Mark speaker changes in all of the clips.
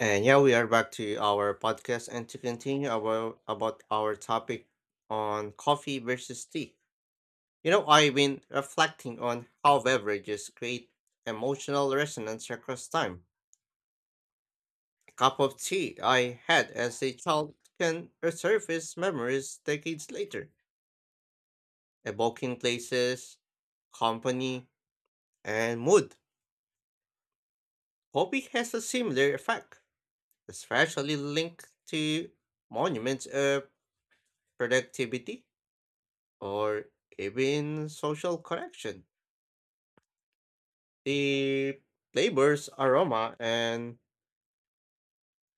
Speaker 1: And yeah, we are back to our podcast and to continue about our topic on coffee versus tea. You know, I've been reflecting on how beverages create emotional resonance across time. A cup of tea I had as a child can resurface memories decades later, evoking places, company, and mood. Coffee has a similar effect, especially linked to monuments of productivity or even social correction. The flavors, aroma, and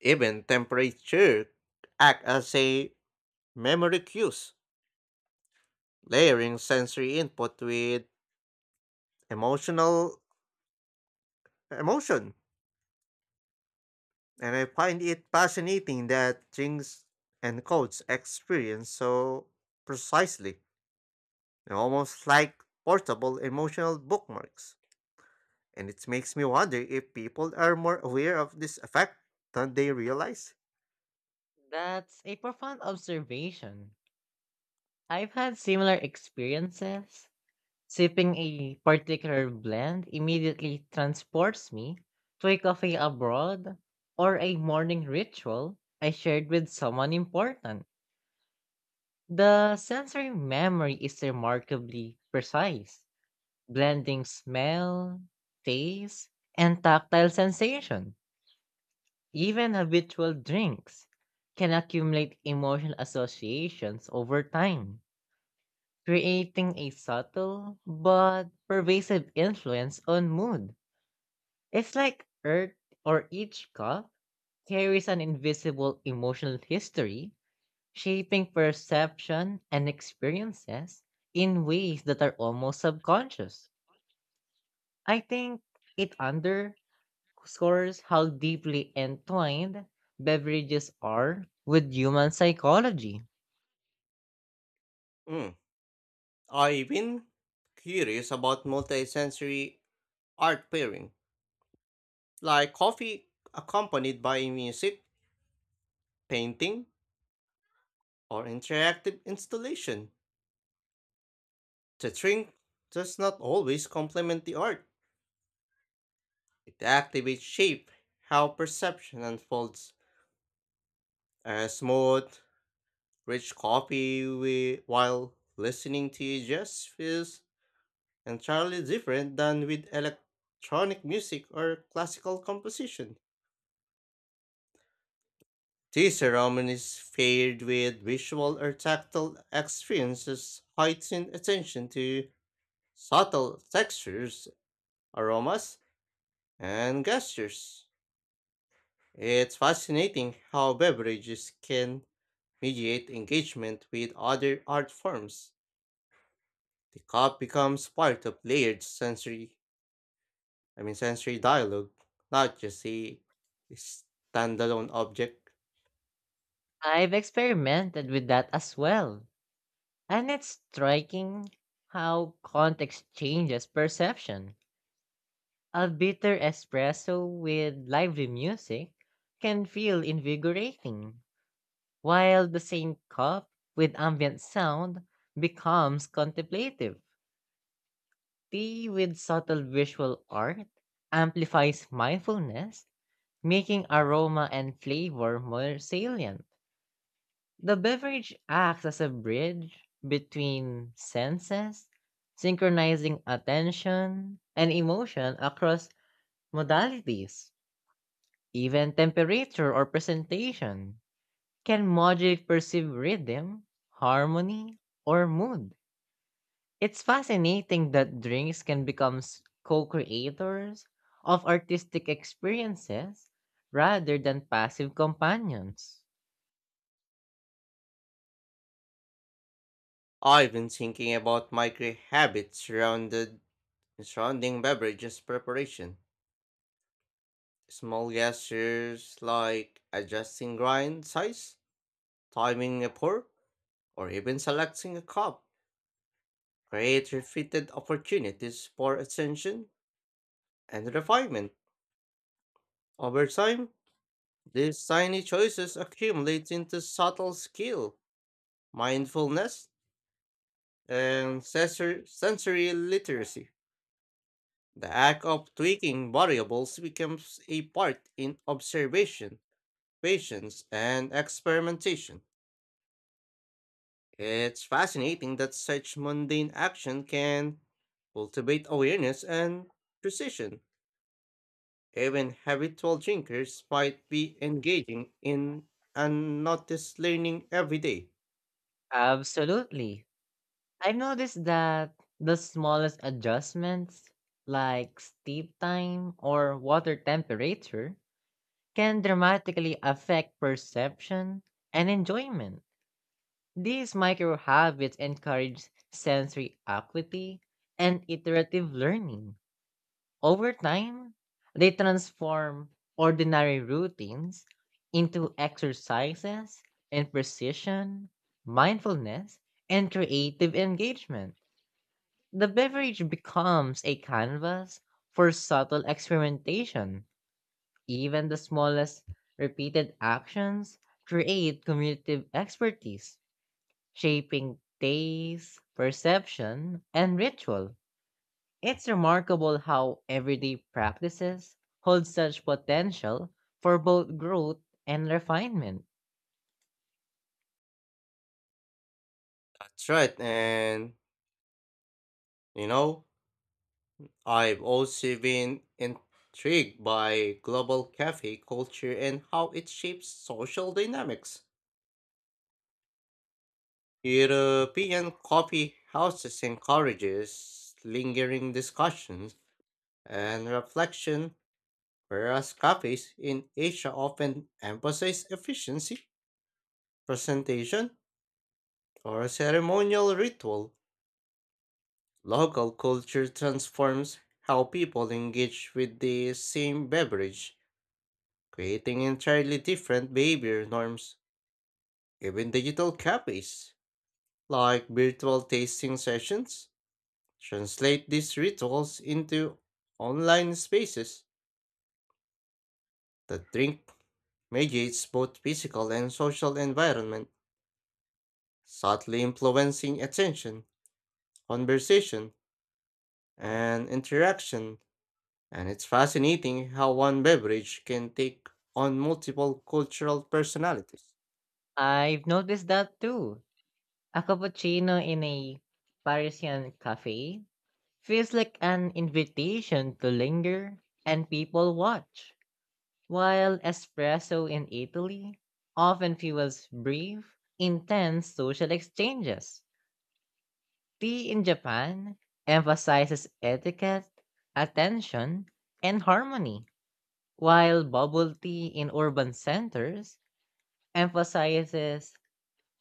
Speaker 1: even temperature act as a memory cues, layering sensory input with emotional emotion. And I find it fascinating that things encodes experience so precisely, almost like portable emotional bookmarks. And it makes me wonder if people are more aware of this effect than they realize.
Speaker 2: That's a profound observation. I've had similar experiences. Sipping a particular blend immediately transports me to a coffee abroad or a morning ritual I shared with someone important. The sensory memory is remarkably precise, blending smell, taste, and tactile sensation. Even habitual drinks can accumulate emotional associations over time, creating a subtle but pervasive influence on mood. It's like Earth or each cup carries an invisible emotional history, shaping perception and experiences in ways that are almost subconscious. I think it underscores how deeply entwined beverages are with human psychology.
Speaker 1: Mm. I've been curious about multisensory art pairing, like coffee accompanied by music, painting, or interactive installation. The drink does not always complement the art. It activates shape, how perception unfolds. A smooth, rich coffee while listening to you just feels entirely different than with electronic music or classical composition. These ceremonies, paired with visual or tactile experiences, heighten attention to subtle textures, aromas, and gestures. It's fascinating how beverages can mediate engagement with other art forms. The cup becomes part of layered sensory, I mean sensory dialogue, not just a standalone object.
Speaker 2: I've experimented with that as well. And it's striking how context changes perception. A bitter espresso with lively music can feel invigorating, while the same cup with ambient sound becomes contemplative. Tea with subtle visual art amplifies mindfulness, making aroma and flavor more salient. The beverage acts as a bridge between senses, synchronizing attention and emotion across modalities. Even temperature or presentation can modulate perceived rhythm, harmony, or mood. It's fascinating that drinks can become co creators of artistic experiences rather than passive companions.
Speaker 1: I've been thinking about micro habits surrounded In Surrounding beverages preparation. Small gestures like adjusting grind size, timing a pour, or even selecting a cup create repeated opportunities for attention and refinement. Over time, these tiny choices accumulate into subtle skill, mindfulness, and sensory literacy. The act of tweaking variables becomes a part in observation patience, and experimentation. It's fascinating that such mundane action can cultivate awareness and precision. Even habitual drinkers might be engaging in unnoticed learning every day.
Speaker 2: Absolutely. I have noticed that the smallest adjustments, like steep time or water temperature, can dramatically affect perception and enjoyment. These micro habits encourage sensory acuity and iterative learning. Over time, they transform ordinary routines into exercises in precision, mindfulness, and creative engagement. The beverage becomes a canvas for subtle experimentation. Even the smallest repeated actions create cumulative expertise, shaping taste, perception, and ritual. It's remarkable how everyday practices hold such potential for both growth and refinement.
Speaker 1: That's right, and you know, I've also been intrigued by global cafe culture and how it shapes social dynamics. European coffee houses encourages lingering discussions and reflection, whereas cafes in Asia often emphasize efficiency, presentation, or ceremonial ritual. Local culture transforms how people engage with the same beverage, creating entirely different behavior norms. Even digital cafes, like virtual tasting sessions, translate these rituals into online spaces that drink mediates both physical and social environment, subtly influencing attention, conversation, and interaction. And it's fascinating how one beverage can take on multiple cultural personalities.
Speaker 2: I've noticed that too. A cappuccino in a Parisian cafe feels like an invitation to linger and people watch, while espresso in Italy often fuels brief, intense social exchanges. Tea in Japan emphasizes etiquette, attention, and harmony, while bubble tea in urban centers emphasizes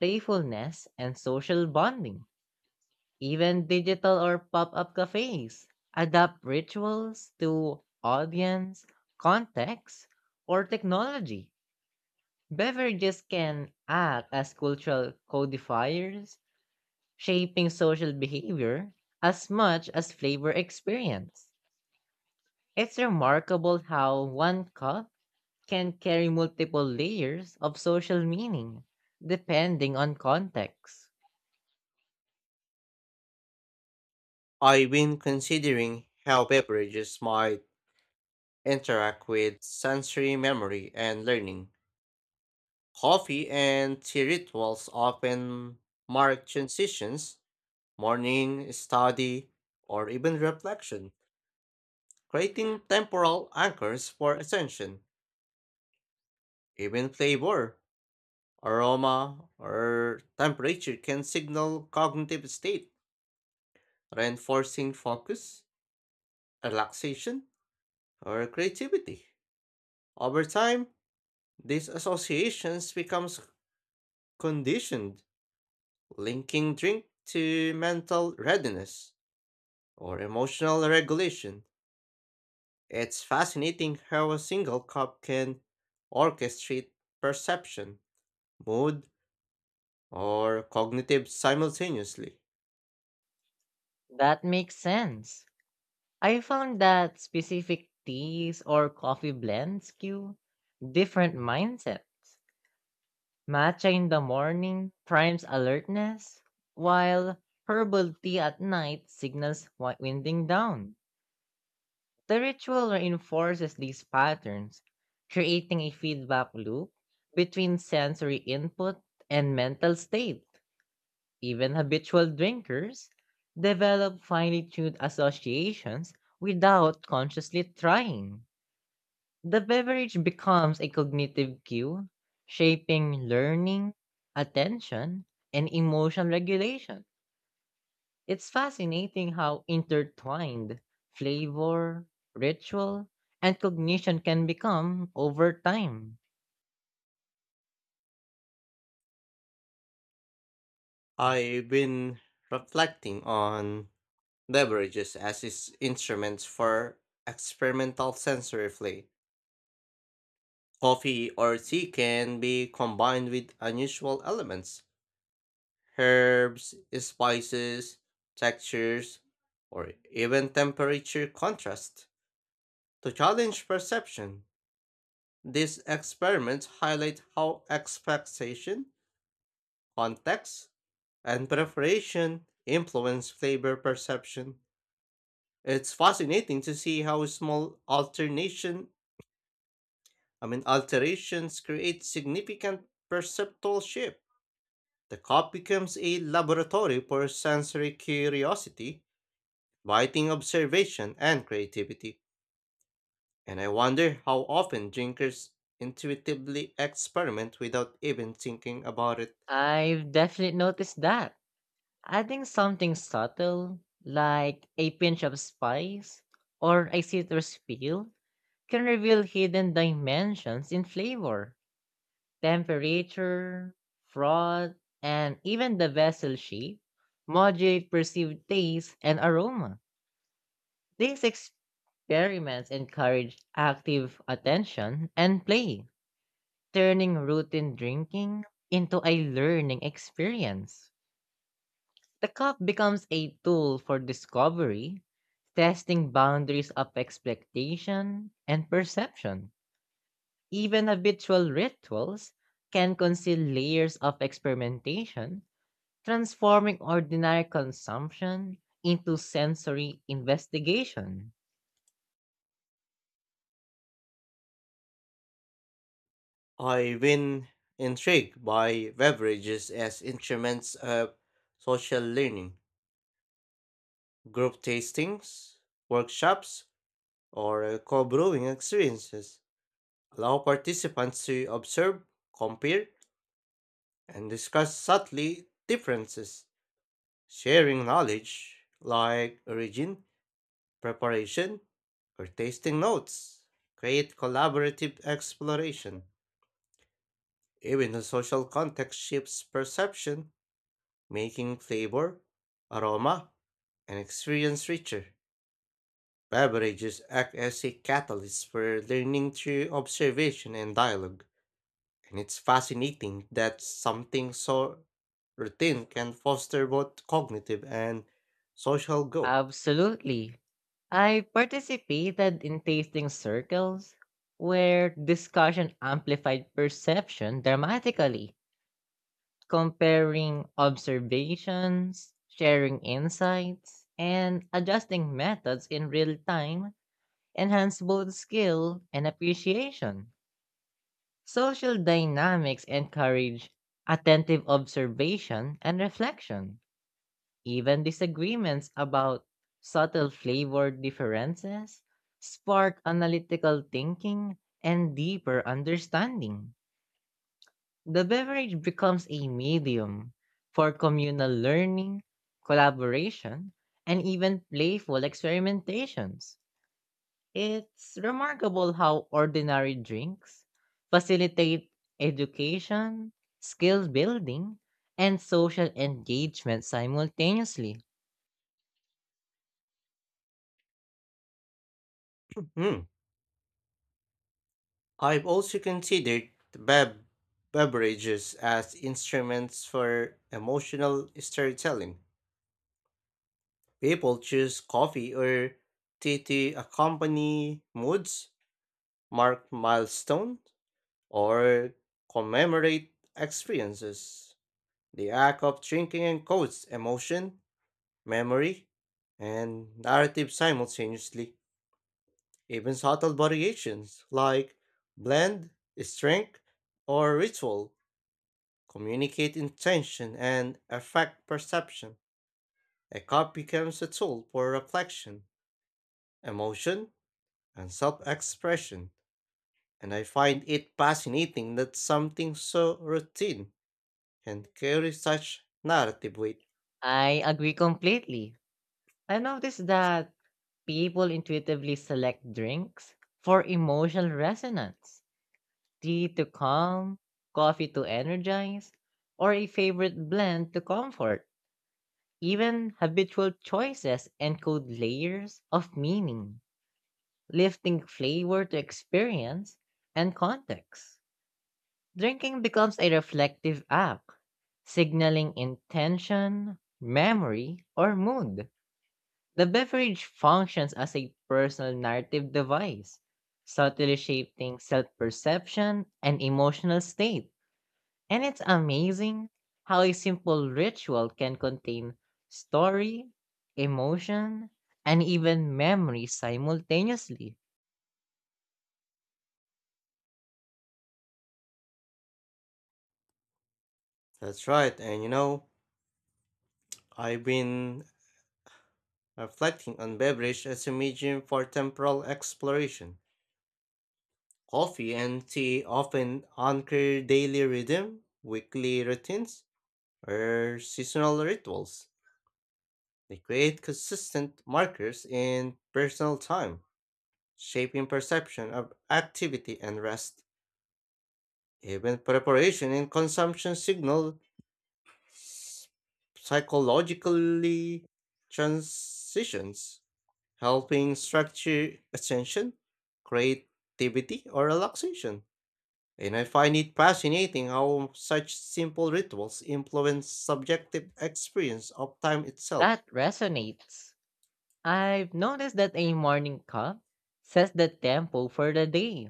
Speaker 2: playfulness and social bonding. Even digital or pop-up cafes adapt rituals to audience, context, or technology. Beverages can act as cultural codifiers, shaping social behavior as much as flavor experience. It's remarkable how one cup can carry multiple layers of social meaning, depending on context.
Speaker 1: I've been considering how beverages might interact with sensory memory and learning. Coffee and tea rituals often mark transitions, morning, study, or even reflection, creating temporal anchors for ascension. Even flavor, aroma, or temperature can signal cognitive state, reinforcing focus, relaxation, or creativity. Over time, these associations becomes conditioned, linking drink to mental readiness or emotional regulation. It's fascinating how a single cup can orchestrate perception, mood, or cognitive simultaneously.
Speaker 2: That makes sense. I found that specific teas or coffee blends cue different mindsets. Matcha in the morning primes alertness, while herbal tea at night signals winding down. The ritual reinforces these patterns, creating a feedback loop between sensory input and mental state. Even habitual drinkers develop finely tuned associations without consciously trying. The beverage becomes a cognitive cue, shaping learning, attention, and emotion regulation. It's fascinating how intertwined flavor, ritual, and cognition can become over time.
Speaker 1: I've been reflecting on beverages as its instruments for experimental sensory play. Coffee or tea can be combined with unusual elements, herbs, spices, textures, or even temperature contrast. To challenge perception, these experiments highlight how expectation, context, and preparation influence flavor perception. It's fascinating to see how small alternation, I mean alterations create significant perceptual shift. The cup becomes a laboratory for sensory curiosity, biting observation and creativity. And I wonder how often drinkers intuitively experiment without even thinking about it.
Speaker 2: I've definitely noticed that. Adding something subtle, like a pinch of spice or a citrus peel, can reveal hidden dimensions in flavor. Temperature, froth, and even the vessel shape modulate perceived taste and aroma. These experiments encourage active attention and play, turning routine drinking into a learning experience. The cup becomes a tool for discovery, testing boundaries of expectation and perception. Even habitual rituals can conceal layers of experimentation, transforming ordinary consumption into sensory investigation.
Speaker 1: I've been intrigued by beverages as instruments of social learning, group tastings, workshops, or co-brewing experiences. Allow participants to observe, compare, and discuss subtly differences, sharing knowledge like origin, preparation, or tasting notes, create collaborative exploration. Even the social context shifts perception, making flavor, aroma, and experience richer. Beverages act as a catalyst for learning through observation and dialogue, and it's fascinating that something so routine can foster both cognitive and social growth.
Speaker 2: Absolutely. I participated in tasting circles where discussion amplified perception dramatically, comparing observations, sharing insights, and adjusting methods in real time enhance both skill and appreciation. Social dynamics encourage attentive observation and reflection. Even disagreements about subtle flavor differences spark analytical thinking and deeper understanding. The beverage becomes a medium for communal learning, collaboration, and even playful experimentations. It's remarkable how ordinary drinks facilitate education, skill building, and social engagement simultaneously.
Speaker 1: Hmm. I've also considered the beverages as instruments for emotional storytelling. People choose coffee or tea to accompany moods, mark milestones, or commemorate experiences. The act of drinking encodes emotion, memory, and narrative simultaneously. Even subtle variations like blend, strength, or ritual communicate intention, and affect perception. A cup becomes a tool for reflection, emotion, and self expression, and I find it fascinating that something so routine can carry such narrative weight.
Speaker 2: I agree completely. I noticed that people intuitively select drinks for emotional resonance, tea to calm, coffee to energize, or a favorite blend to comfort. Even habitual choices encode layers of meaning, lifting flavor to experience and context. Drinking becomes a reflective act, signaling intention, memory, or mood. The beverage functions as a personal narrative device, subtly shaping self perception and emotional state. And it's amazing how a simple ritual can contain story, emotion, and even memory simultaneously.
Speaker 1: That's right, and you know, I've been reflecting on beverage as a medium for temporal exploration. Coffee and tea often anchor daily rhythm, weekly routines, or seasonal rituals. They create consistent markers in personal time, shaping perception of activity and rest. Even preparation and consumption signal s- psychologically transitions, helping structure attention, creativity, or relaxation. And I find it fascinating how such simple rituals influence subjective experience of time itself.
Speaker 2: That resonates. I've noticed that a morning cup sets the tempo for the day,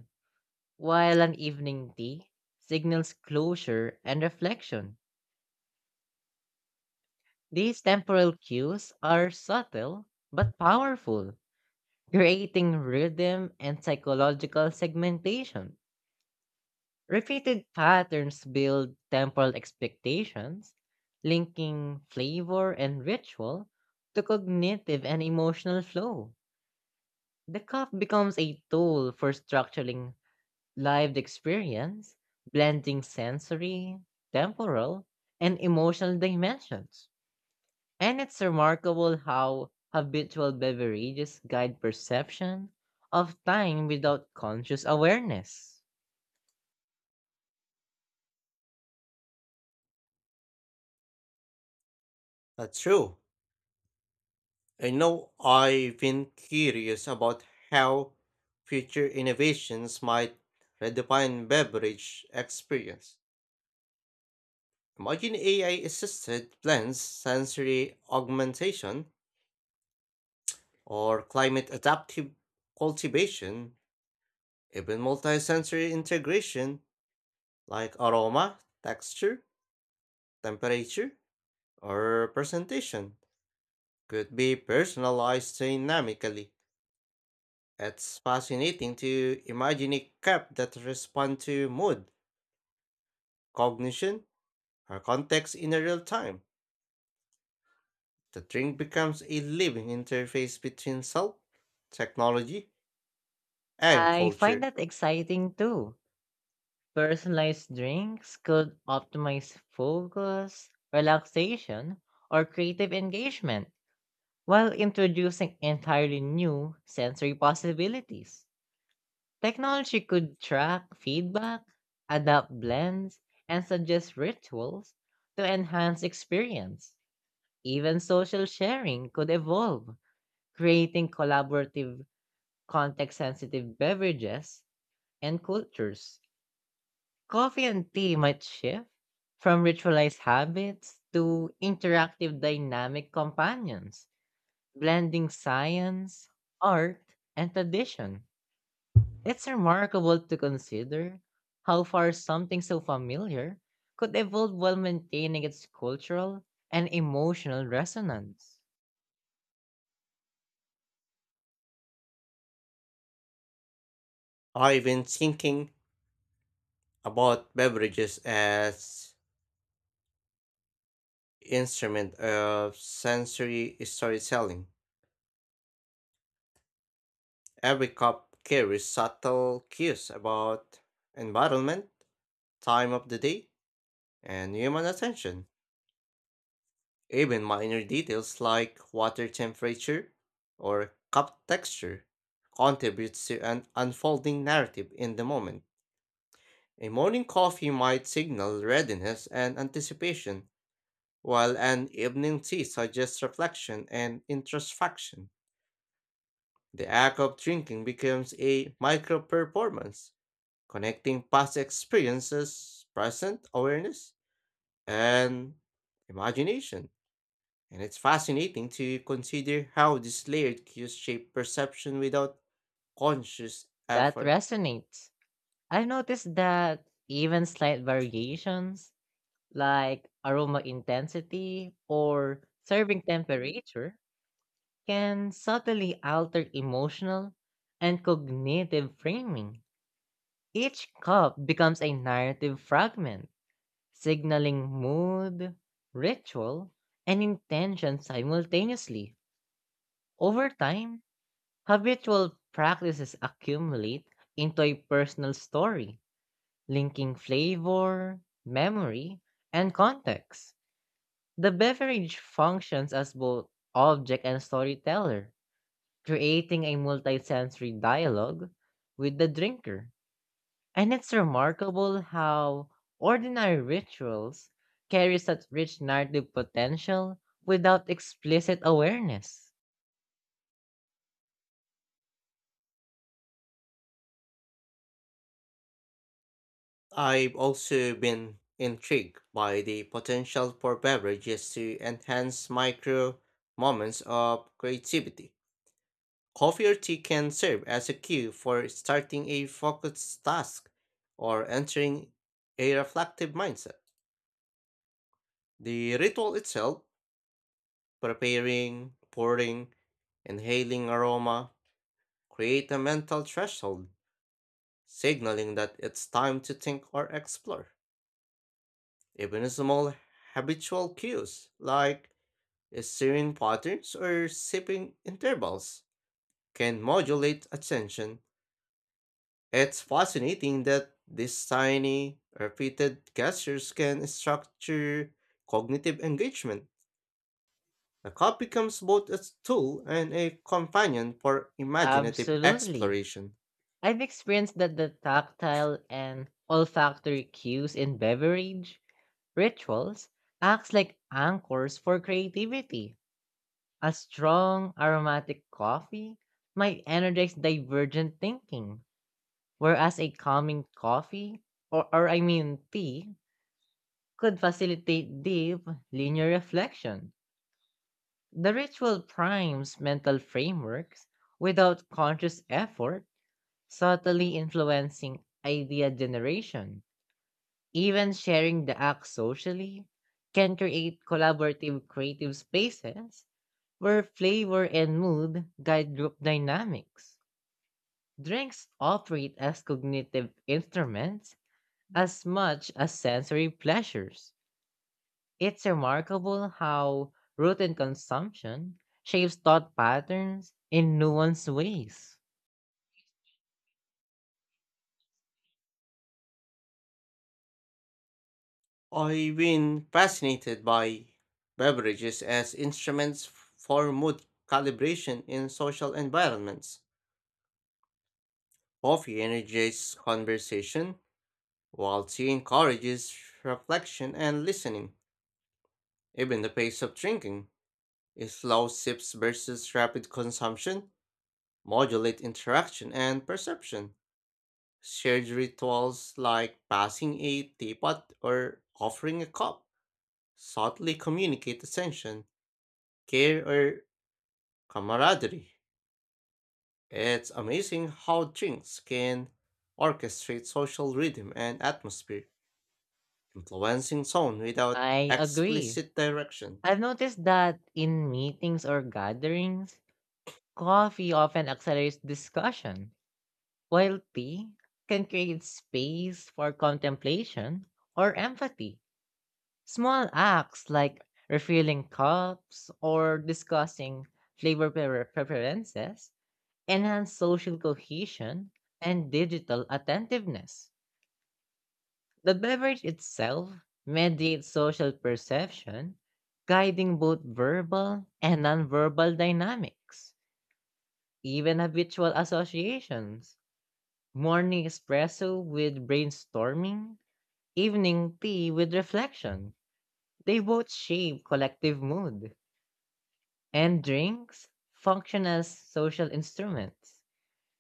Speaker 2: while an evening tea signals closure and reflection. These temporal cues are subtle but powerful, creating rhythm and psychological segmentation. Repeated patterns build temporal expectations, linking flavor and ritual to cognitive and emotional flow. The cup becomes a tool for structuring lived experience, blending sensory, temporal, and emotional dimensions. And it's remarkable how habitual beverages guide perception of time without conscious awareness.
Speaker 1: That's true. I know I've been curious about how future innovations might redefine beverage experience. Imagine AI-assisted blends, sensory augmentation, or climate adaptive cultivation, even multisensory integration like aroma, texture, temperature, or presentation could be personalized dynamically. It's fascinating to imagine a cap that responds to mood, cognition, or context in a real time. The drink becomes a living interface between self, technology, and
Speaker 2: I find
Speaker 1: culture.
Speaker 2: that exciting too. Personalized drinks could optimize focus, relaxation, or creative engagement while introducing entirely new sensory possibilities. Technology could track feedback, adapt blends, and suggest rituals to enhance experience. Even social sharing could evolve, creating collaborative, context sensitive beverages and cultures. Coffee and tea might shift from ritualized habits to interactive dynamic companions, blending science, art, and tradition. It's remarkable to consider how far something so familiar could evolve while maintaining its cultural and emotional resonance.
Speaker 1: Or even thinking about beverages as instrument of sensory storytelling. Every cup carries subtle cues about environment, time of the day, and human attention. Even minor details like water temperature or cup texture contributes to an unfolding narrative in the moment. A morning coffee might signal readiness and anticipation, while an evening tea suggests reflection and introspection. The act of drinking becomes a micro performance, connecting past experiences, present awareness, and imagination. And it's fascinating to consider how these layered cues shape perception without conscious
Speaker 2: That
Speaker 1: effort.
Speaker 2: resonates. I've noticed that even slight variations, like aroma intensity or serving temperature, can subtly alter emotional and cognitive framing. Each cup becomes a narrative fragment, signaling mood, ritual, and intention simultaneously. Over time, habitual practices accumulate into a personal story, linking flavor, memory, and context. The beverage functions as both object and storyteller, creating a multisensory dialogue with the drinker. And it's remarkable how ordinary rituals carry such rich narrative potential without explicit awareness.
Speaker 1: I've also been intrigued by the potential for beverages to enhance micro moments of creativity. Coffee or tea can serve as a cue for starting a focused task or entering a reflective mindset. The ritual itself, preparing, pouring, inhaling aroma, create a mental threshold, signaling that it's time to think or explore. Even small habitual cues, like steering patterns or sipping intervals, can modulate attention. It's fascinating that these tiny, repeated gestures can structure cognitive engagement. The cup becomes both a tool and a companion for imaginative
Speaker 2: Absolutely.
Speaker 1: exploration.
Speaker 2: I've experienced that the tactile and olfactory cues in beverage rituals acts like anchors for creativity. A strong aromatic coffee might energize divergent thinking, whereas a calming coffee or tea could facilitate deep, linear reflection. The ritual primes mental frameworks without conscious effort, subtly influencing idea generation. Even sharing the act socially can create collaborative creative spaces where flavor and mood guide group dynamics. Drinks operate as cognitive instruments as much as sensory pleasures. It's remarkable how routine consumption shapes thought patterns in nuanced ways.
Speaker 1: I've been fascinated by beverages as instruments for mood calibration in social environments. Coffee energizes conversation, while tea encourages reflection and listening. Even the pace of drinking, slow sips versus rapid consumption, modulate interaction and perception. Shared rituals like passing a teapot or offering a cup subtly communicate attention, care, or camaraderie. It's amazing how drinks can orchestrate social rhythm and atmosphere, influencing tone without
Speaker 2: I agree.
Speaker 1: explicit direction.
Speaker 2: I've noticed that in meetings or gatherings, coffee often accelerates discussion, while tea can create space for contemplation or empathy. Small acts like refilling cups or discussing flavor preferences enhance social cohesion, and digital attentiveness. The beverage itself mediates social perception, guiding both verbal and nonverbal dynamics, even habitual associations. Morning espresso with brainstorming, evening tea with reflection. They both shape collective mood, and drinks function as social instruments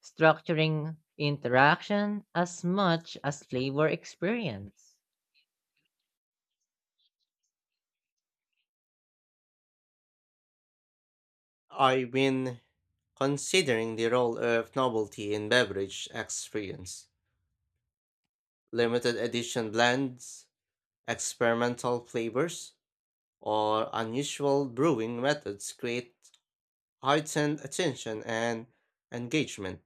Speaker 2: structuring interaction as much as flavor experience.
Speaker 1: I've been considering the role of novelty in beverage experience, limited edition blends, experimental flavors, or unusual brewing methods create heightened attention and engagement.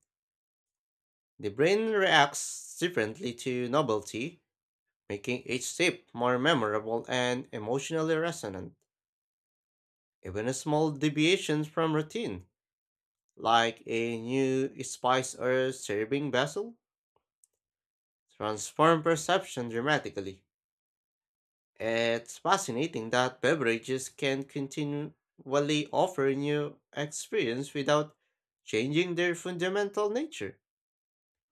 Speaker 1: The brain reacts differently to novelty, making each sip more memorable and emotionally resonant. Even small deviations from routine, like a new spice or serving vessel, transform perception dramatically. It's fascinating that beverages can continually offer new experience without changing their fundamental nature.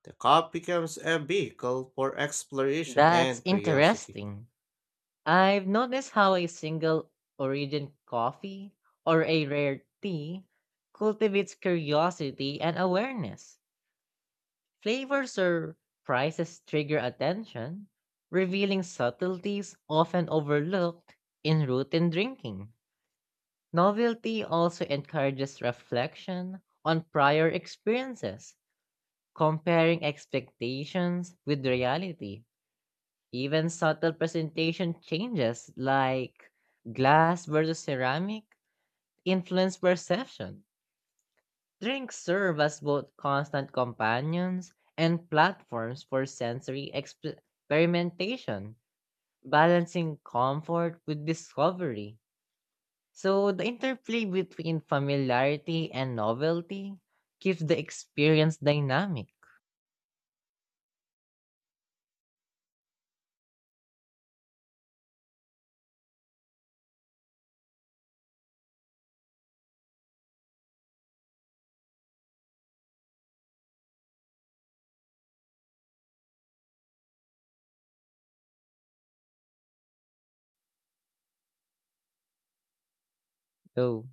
Speaker 1: The cup becomes a vehicle for exploration
Speaker 2: That's
Speaker 1: and curiosity.
Speaker 2: interesting. I've noticed how a single origin coffee or a rare tea cultivates curiosity and awareness. Flavors or prices trigger attention, revealing subtleties often overlooked in routine drinking. Novelty also encourages reflection on prior experiences, comparing expectations with reality. Even subtle presentation changes like glass versus ceramic influence perception. Drinks serve as both constant companions and platforms for sensory experimentation, balancing comfort with discovery. So, the interplay between familiarity and novelty keeps the experience dynamic. So,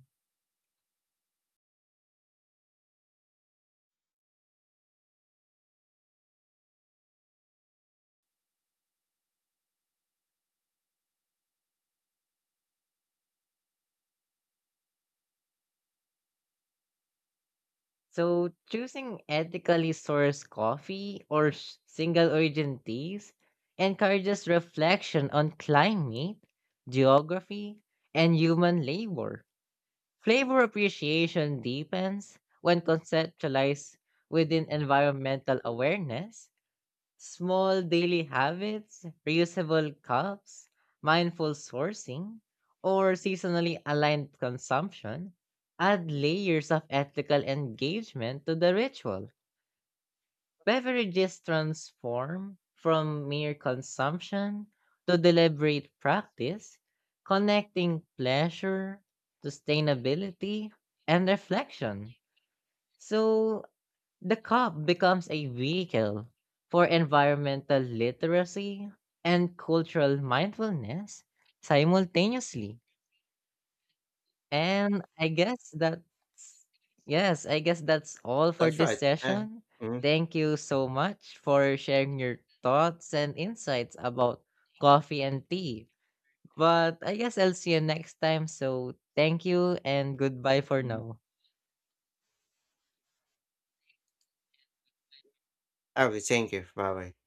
Speaker 2: So, choosing ethically sourced coffee or single origin teas encourages reflection on climate, geography, and human labor. Flavor appreciation deepens when conceptualized within environmental awareness. Small daily habits, reusable cups, mindful sourcing, or seasonally aligned consumption add layers of ethical engagement to the ritual. Beverages transform from mere consumption to deliberate practice, connecting pleasure, sustainability, and reflection. So, the Cup becomes a vehicle for environmental literacy and cultural mindfulness simultaneously. And I guess that's all for
Speaker 1: That's
Speaker 2: this
Speaker 1: right. And
Speaker 2: session.
Speaker 1: Mhm.
Speaker 2: Thank you so much for sharing your thoughts and insights about coffee and tea. But I guess I'll see you next time. So thank you and goodbye for
Speaker 1: Mhm.
Speaker 2: now.
Speaker 1: Okay, thank you. Bye bye.